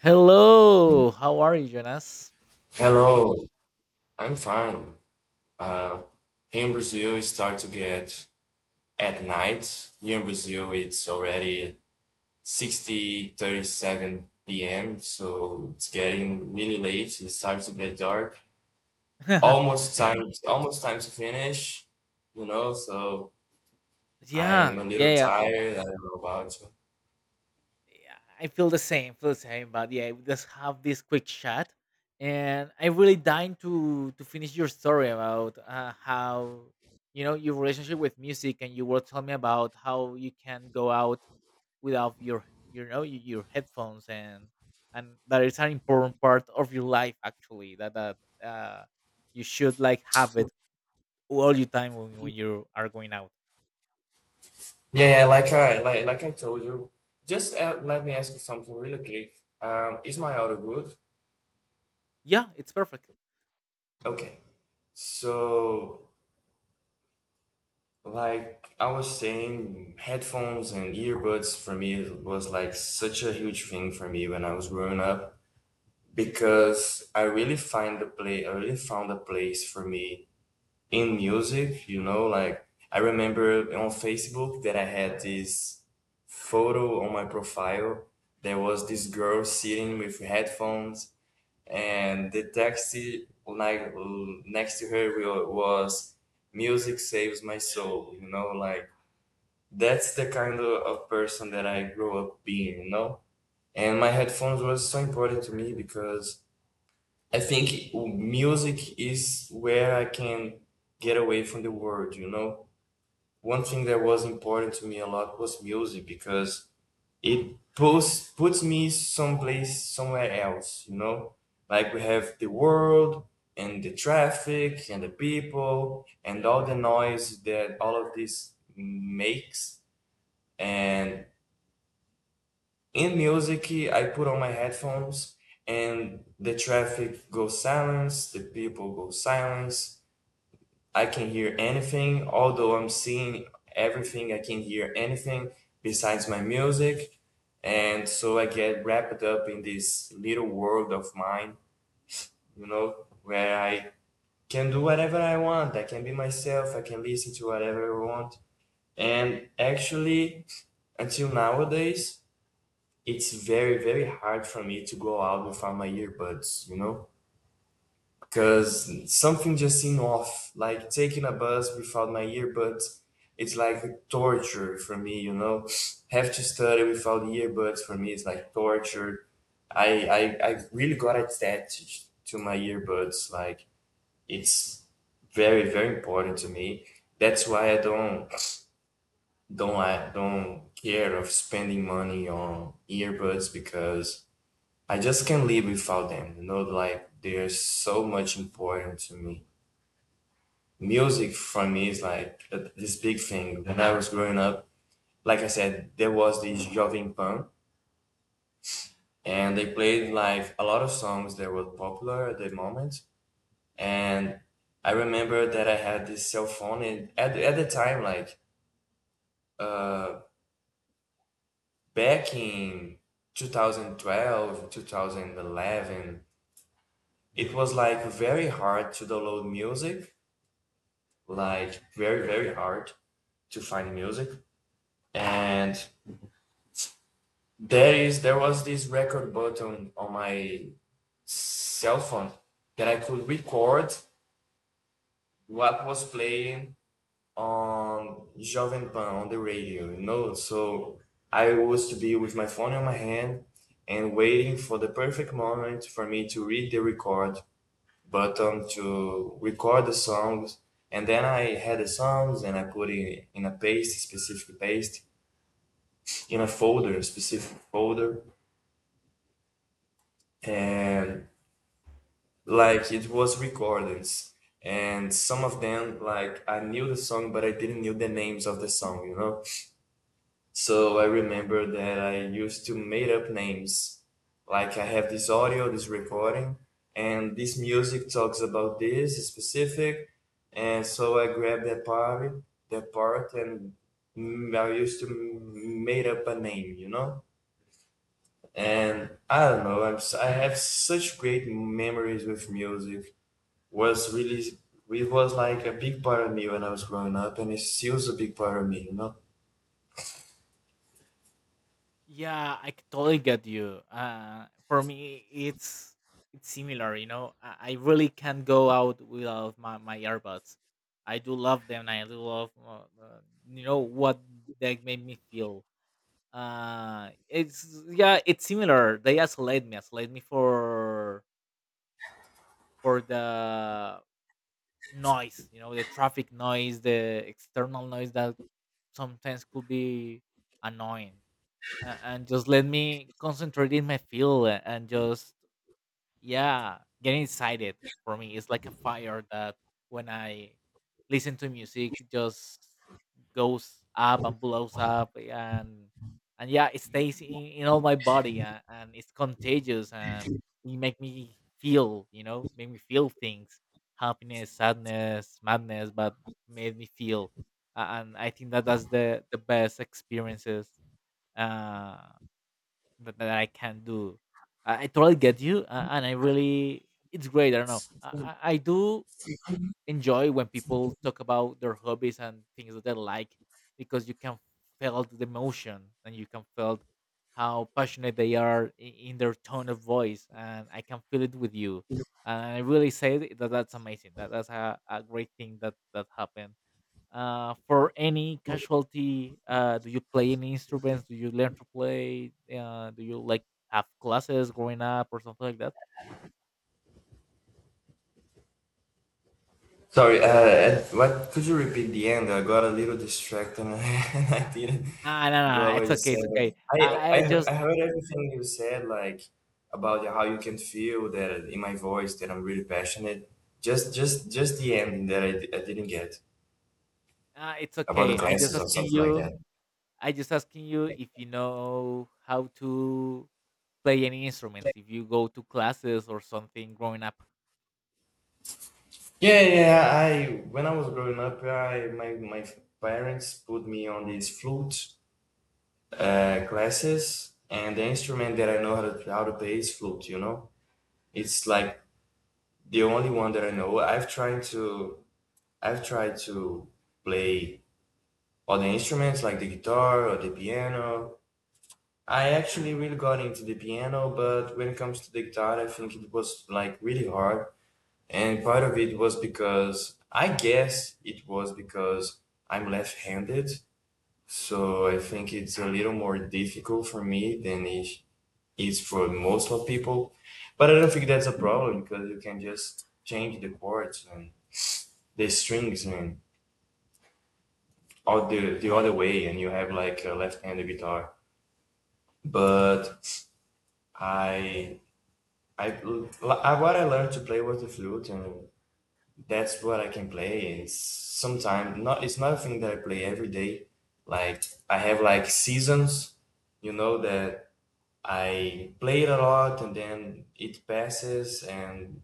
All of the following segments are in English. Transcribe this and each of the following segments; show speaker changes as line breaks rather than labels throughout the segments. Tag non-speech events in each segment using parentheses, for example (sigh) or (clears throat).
Hello, how are you, Jonas?
Hello, I'm fine. Uh, Here in Brazil, it starts to get at night. Here in Brazil, it's already 60 37 p.m., so it's getting really late. It starts to get dark.
(laughs) yeah,
Almost time to finish, you know, so I'm a little
yeah. Oh,
tired. I don't know about you.
yeah, I feel the same, feel the same. But yeah, let's have this quick chat. And I really dying to finish your story about how you know your relationship with music, and you were telling me about how you can go out without your you know your headphones, and that is an important part of your life actually. That that uh, you should like have it all your time when you are going out.
Yeah, yeah, like I told you. Just let me ask you something really quick. Is my audio good?
Yeah, it's perfect.
Okay. So. Like I was saying, headphones and earbuds for me was like such a huge thing for me when I was growing up because I really find the play I really found a place for me in music, you know, like I remember on Facebook that I had this photo on my profile. There was this girl sitting with headphones and the text like next to her was music saves my soul, you know, like that's the kind of person that I grew up being, you know? And my headphones was so important to me because I think music is where I can get away from the world, you know? One thing that was important to me a lot was music because it puts me someplace somewhere else, you know? Like we have the world and the traffic and the people and all the noise that all of this makes. And in music, I put on my headphones and the traffic goes silence, the people go silence. I can hear anything, although I'm seeing everything, I can hear anything besides my music. And so I get wrapped up in this little world of mine, you know, where I can do whatever I want. I can be myself, I can listen to whatever I want. And actually, until nowadays, it's very very hard for me to go out without my earbuds, you know, because something just seems off. Like taking a bus without my earbuds, it's like torture for me, you know. Have to study without earbuds, for me it's like torture. i i, I really got attached to my earbuds, like it's very very important to me. That's why I don't care of spending money on earbuds because I just can't live without them. You know, like they're so much important to me. Music for me is like this big thing. When I was growing up, like I said, there was this Jovem Pan, and they played like a lot of songs that were popular at the moment. And I remember that I had this cell phone, and at the time, like uh, back in 2012, 2011, it was like very hard to download music, like very very hard to find music. And there was this record button on my cell phone that I could record what was playing on Jovem Pan on the radio, you know. So I used to be with my phone in my hand and waiting for the perfect moment for me to read the record button to record the songs. And then I had the songs and I put it in a paste, specific paste, in a folder, a specific folder, and like it was recordings. And some of them, like I knew the song, but I didn't knew the names of the song, you know. So I remember that I used to made up names. Like I have this audio, this recording, and this music talks about this specific. And so I grabbed that part, and I used to made up a name, you know. And I don't know, I have such great memories with music. Was really, it was like a big part of me when I was growing up, and it still is a big part of me, you know?
Yeah, totally get you. For me, it's similar. You know, I really can't go out without my earbuds. I do love them. I do love you know what they make me feel. It's yeah, it's similar. They isolate me for the noise. You know, the traffic noise, the external noise that sometimes could be annoying. And just let me concentrate in my field and just yeah, get excited. For me it's like a fire that when I listen to music just goes up and blows up and yeah, it stays in all my body, and it's contagious, and it make me feel, you know, make me feel things, happiness, sadness, madness, but made me feel. And I think that that's the best experiences uh that I can do. I totally get you, and I really, it's great. I don't know. I I do enjoy when people talk about their hobbies and things that they like, because you can feel the emotion and you can feel how passionate they are in their tone of voice, and I can feel it with you. And I really say that that's amazing. That's a great thing that that happened, for any casualty. Do you play any instruments, do you learn to play, do you like have classes growing up or something like that?
Sorry, and what could you repeat the end? I got a little distracted and (laughs) I didn't
No, no, no,
go what
it's
you
okay,
said.
it's
But
okay, I
I
just,
heard everything you said, like about how you can feel that in my voice that I'm really passionate. Just the ending that I didn't get
it's
about the
okay, I just
classes or
asking
something like
you,
that.
I just asking you if you know how to play any instruments, if you go to classes or something growing up.
Yeah, yeah. I when I was growing up, I my my parents put me on these flute classes, and the instrument that I know how to play is flute. You know, it's like the only one that I know. I've tried to play other instruments like the guitar or the piano. I actually really got into the piano, but when it comes to the guitar, I think it was like really hard. And part of it was because I guess it was because I'm left-handed, so I think it's a little more difficult for me than it is for most of people. But I don't think that's a problem because you can just change the chords and the strings and all the other way, and you have like a left-handed guitar. But I I what I learned to play was the flute, and that's what I can play. It's sometimes not it's not a thing that I play every day. Like I have like seasons, you know, that I play it a lot and then it passes and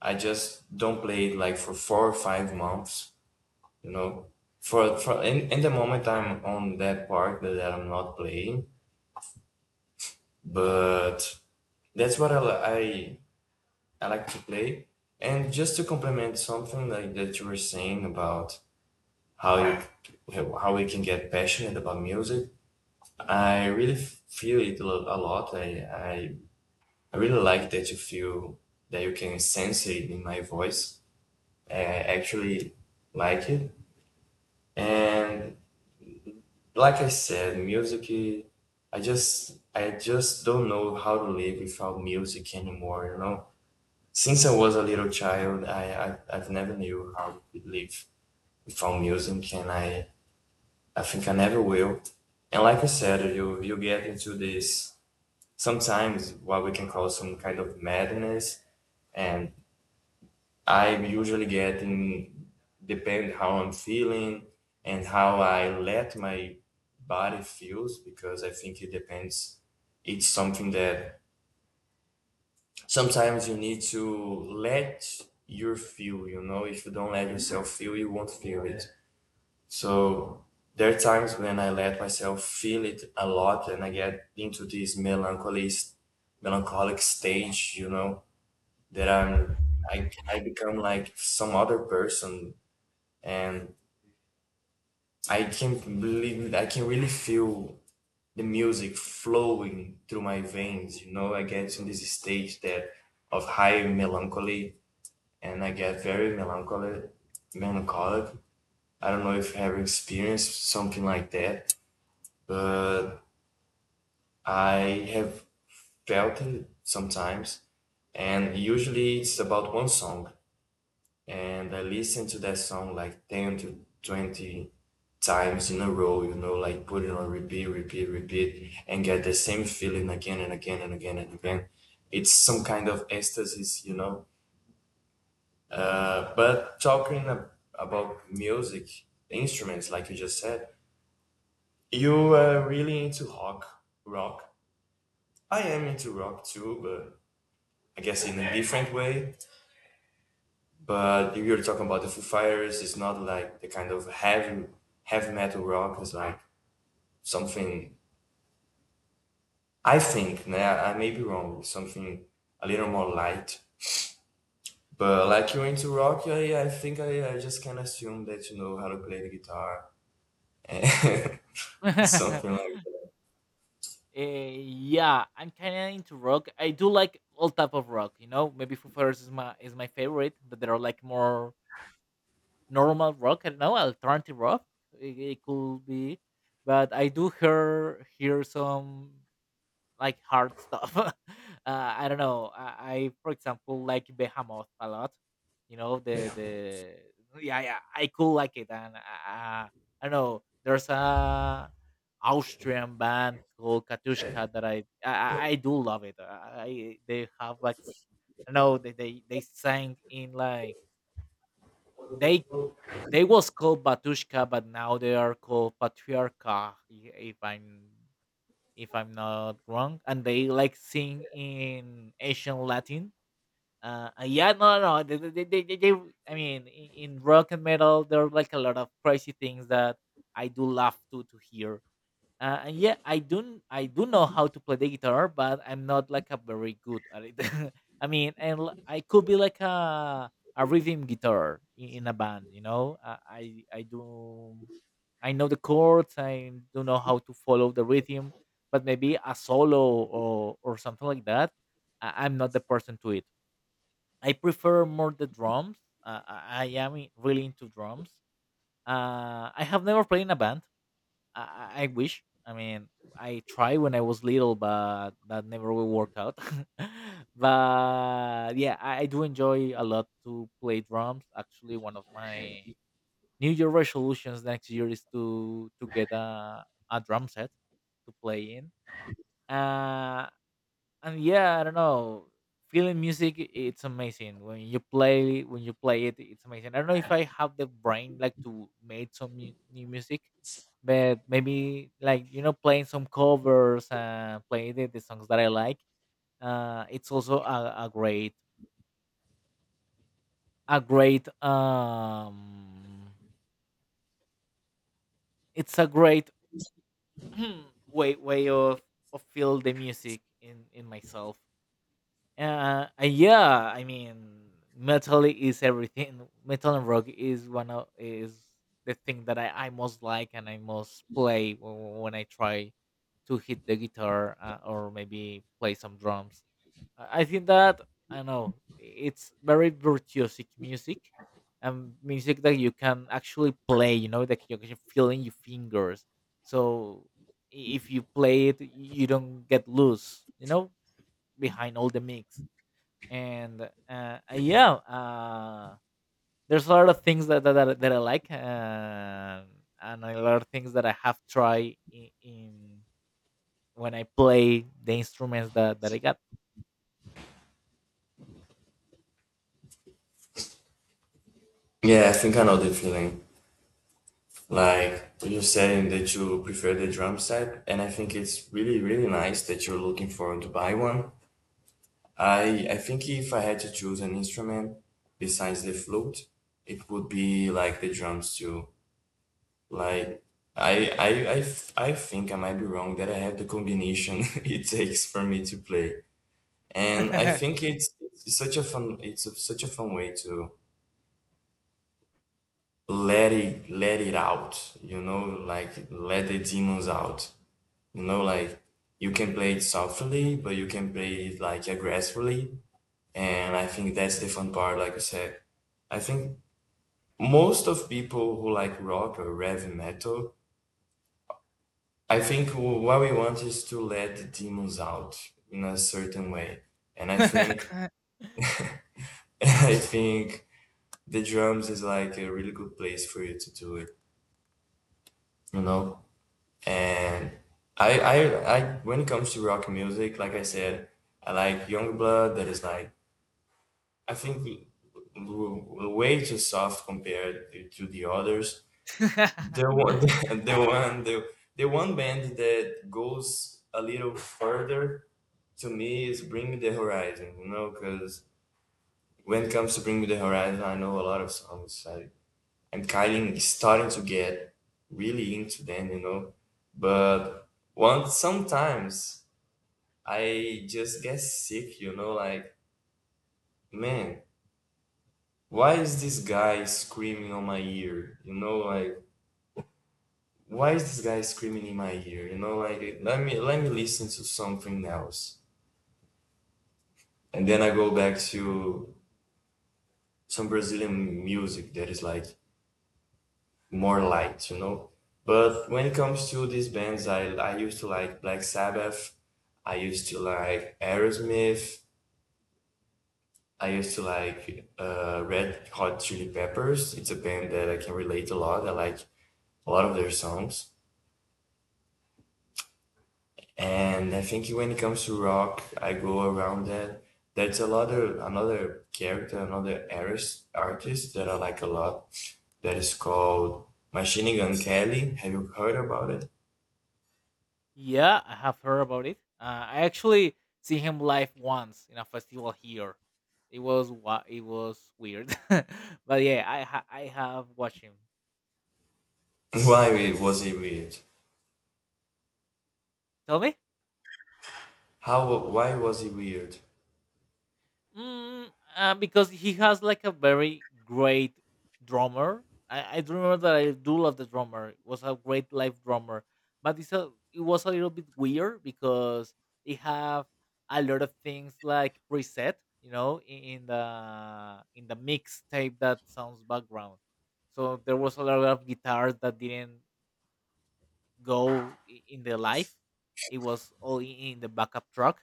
I just don't play it like for 4 or 5 months, you know. In the moment I'm on that part that, that I'm not playing, but that's what I I like to play. And just to complement something like that you were saying about how you how we can get passionate about music. I really feel it a a lot. I I really like that you feel that you can sense it in my voice. I actually like it, and like I said, music. I just don't know how to live without music anymore. You know, since I was a little child, I I've never knew how to live without music, and I think I never will. And like I said, you get into this sometimes what we can call some kind of madness, and I usually get in depend how I'm feeling and how I let my body feels because I think it depends. It's something that sometimes you need to let your feel. You know, if you don't let yourself feel, you won't feel it. So there are times when I let myself feel it a lot and I get into this melancholy, melancholic stage, you know, that I become like some other person and I can really feel the music flowing through my veins, you know, I get in this stage that of high melancholy and I get very melancholic, melancholic. I don't know if you have experienced something like that, but I have felt it sometimes, and usually it's about one song, and I listen to that song like 10 to 20 times in a row, you know, like put it on repeat, repeat, repeat, and get the same feeling again and again and again and again. It's some kind of ecstasy, you know. But talking about music, instruments, like you just said, you are really into rock, rock. I am into rock too, but I guess in a different way. But if you're talking about the Foo Fighters, it's not like the kind of heavy heavy metal rock. It's like something, I think. Nah, I may be wrong. Something a little more light. But like you're into rock, I just can assume that you know how to play the guitar. (laughs)
(laughs) uh,
Something like that.
yeah, I'm kind of into rock. I do like all type of rock, you know, maybe Foo Fighters is my favorite, but there are like more normal rock. I don't know, alternative rock. It could be, but I do hear some like hard stuff. (laughs) I don't know. I for example like Behemoth a lot. You know the yeah, I could like it, and I don't know. There's a Austrian band called Katushka that I I do love it. I they have like I know they they sang in like they they was called Batushka, but now they are called Patriarcha, if I'm, if I'm not wrong. And they like sing in Asian Latin. Yeah, no, no, no, they, I mean, in rock and metal, there are like a lot of crazy things that I do love to hear. And yeah, I do know how to play the guitar, but I'm not like a very good at it. (laughs) I mean, and I could be like a rhythm guitar in a band, you know. I know the chords, I do know how to follow the rhythm, but maybe a solo or something like that, I'm not the person to it. I prefer more the drums. I am really into drums. I have never played in a band. I I wish. I mean, I tried when I was little, but that never will work out. (laughs) But yeah, I do enjoy a lot to play drums. Actually, one of my New Year resolutions next year is to get a drum set to play in. Uh, and yeah, I don't know, feeling music, it's amazing when you play, when you play it, it's amazing. I don't know if I have the brain like to make some new music, but maybe like you know playing some covers and playing the songs that I like. It's also a great it's a great (clears throat) way of feel the music in myself. Yeah, I mean, metal is everything. Metal and rock is one of is the thing that I most like and I most play when I try to hit the guitar, or maybe play some drums. I think that, I don't know, it's very virtuosic music, and music that you can actually play. You know, that you can feel in your fingers. So if you play it, you don't get loose. You know, behind all the mix, and yeah, there's a lot of things that I like, and a lot of things that I have tried in when I play the instruments that I got.
Yeah, I think I know the feeling. Like you're saying that you prefer the drum set, and I think it's really, really nice that you're looking forward to buy one. I think if I had to choose an instrument besides the flute, it would be like the drums too. Like I I I think I might be wrong that I have the combination (laughs) it takes for me to play. And I think it's such a fun such a fun way to let it out, you know, like let the demons out. You know, like you can play it softly, but you can play it like aggressively. And I think that's the fun part, like I said. I think most of people who like rock or heavy metal, I think what we want is to let the demons out in a certain way. And I think
(laughs)
(laughs) I think the drums is like a really good place for you to do it, you know? And I, when it comes to rock music, like I said, I like Youngblood. That is like I think way too soft compared to the others. The one, (laughs) the one, the, the one band that goes a little further to me is Bring Me the Horizon. You know, because when it comes to Bring Me the Horizon, I know a lot of songs. I'm kind of starting to get really into them. You know, but once sometimes I just get sick, you know, like, man, why is this guy screaming on my ear? You know, like, why is this guy screaming in my ear? You know, like, let me listen to something else. And then I go back to some Brazilian music that is like more light, you know. But when it comes to these bands, I used to like Black Sabbath. I used to like Aerosmith. I used to like Red Hot Chili Peppers. It's a band that I can relate a lot. I like a lot of their songs. And I think when it comes to rock, I go around that. That's a lot of another character, another artist that I like a lot. That is called Machine Gun Kelly. Have you heard about it?
Yeah, I have heard about it. I actually see him live once in a festival here. It it was weird. (laughs) But yeah, I have watched him.
(laughs) Why was he weird?
Tell me.
How? Why was he weird?
Mm, because he has like a very great drummer. I do remember that I do love the drummer. It was a great live drummer, but it was a little bit weird because they have a lot of things like preset, you know, in the in the mixtape that sounds background. So there was a lot of guitars that didn't go in the live. It was all in the backup track,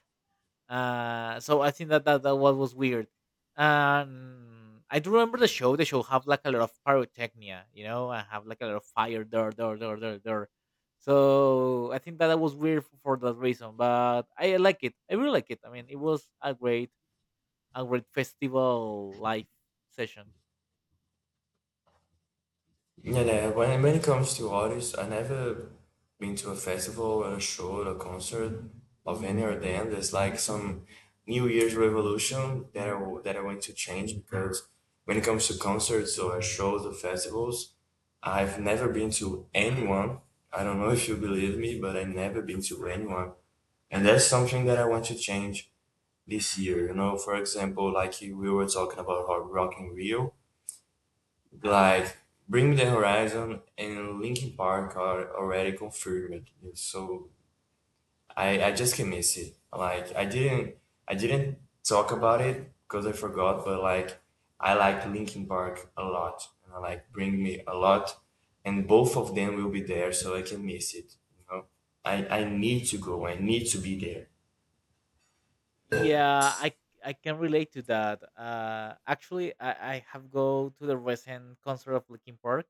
so I think that that what was weird. I do remember the show. The show have like a lot of pyrotechnia, you know, and have like a lot of fire there. So I think that that was weird for that reason, but I like it. I really like it. I mean, it was a great festival live session.
Yeah, yeah, when it comes to artists, I never been to a festival, a show, a concert of any of them. There's like some New Year's revolution that that I want to change because when it comes to concerts or shows or festivals, I've never been to anyone. I don't know (laughs) if you believe me, but I've never been to anyone. And that's something that I want to change this year. You know, for example, like we were talking about Rock in Rio. Like Bring Me the Horizon and Linkin Park are already confirmed, so I just can miss it. Like I didn't talk about it because I forgot, but like I like Linkin Park a lot and I like Bring Me a lot, and both of them will be there, so I can miss it. You know, I need to go. I need to be there.
Yeah, I can relate to that. Actually, I have go to the recent concert of Linkin Park,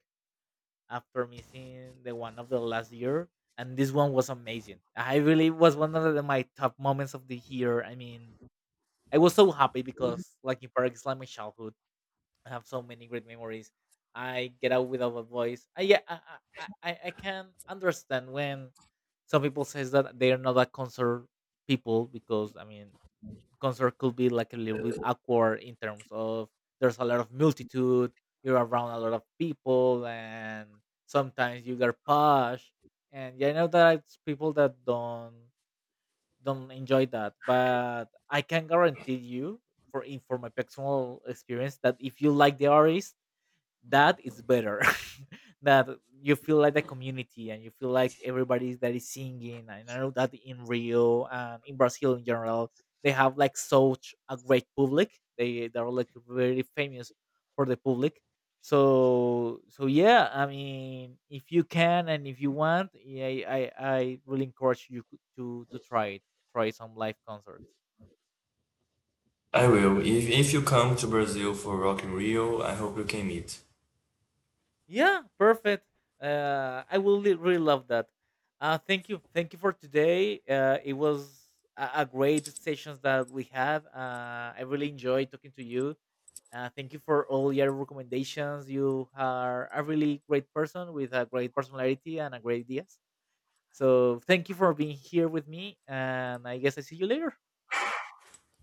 after missing the one of the last year, and this one was amazing. I really was one of my top moments of the year. I mean, I was so happy because, like in Park, it's like my childhood. I have so many great memories. I get out without a voice. I yeah, I can understand when some people says that they are not a concert people, because I mean concert could be like a little bit awkward in terms of there's a lot of multitude, you're around a lot of people, and sometimes you get posh. And yeah, I know that it's people that don't enjoy that, but I can guarantee you for in for my personal experience that if you like the artist that is better (laughs) that you feel like the community and you feel like everybody that is singing. And I know that in rio and in brazil in general, they have like such a great public, they they're like very famous for the public, so so yeah, I mean, if you can and if you want, yeah, I really encourage you to try it, try some live concerts.
I will. If you come to Brazil for Rock in Rio, I hope you can meet.
Yeah, perfect. I will really love that. Thank you for today. It was a great sessions that we had. I really enjoyed talking to you. Thank you for all your recommendations. You are a really great person with a great personality and a great ideas. So thank you for being here with me, and I guess I see you later.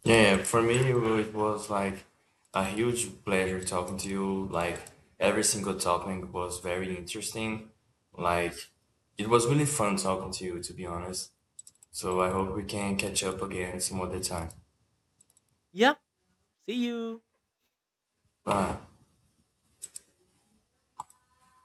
Yeah, yeah, for me, it was like a huge pleasure talking to you. Like, every single topic was very interesting. Like, it was really fun talking to you, to be honest. So I hope we can catch up again some other time.
Yeah, see you.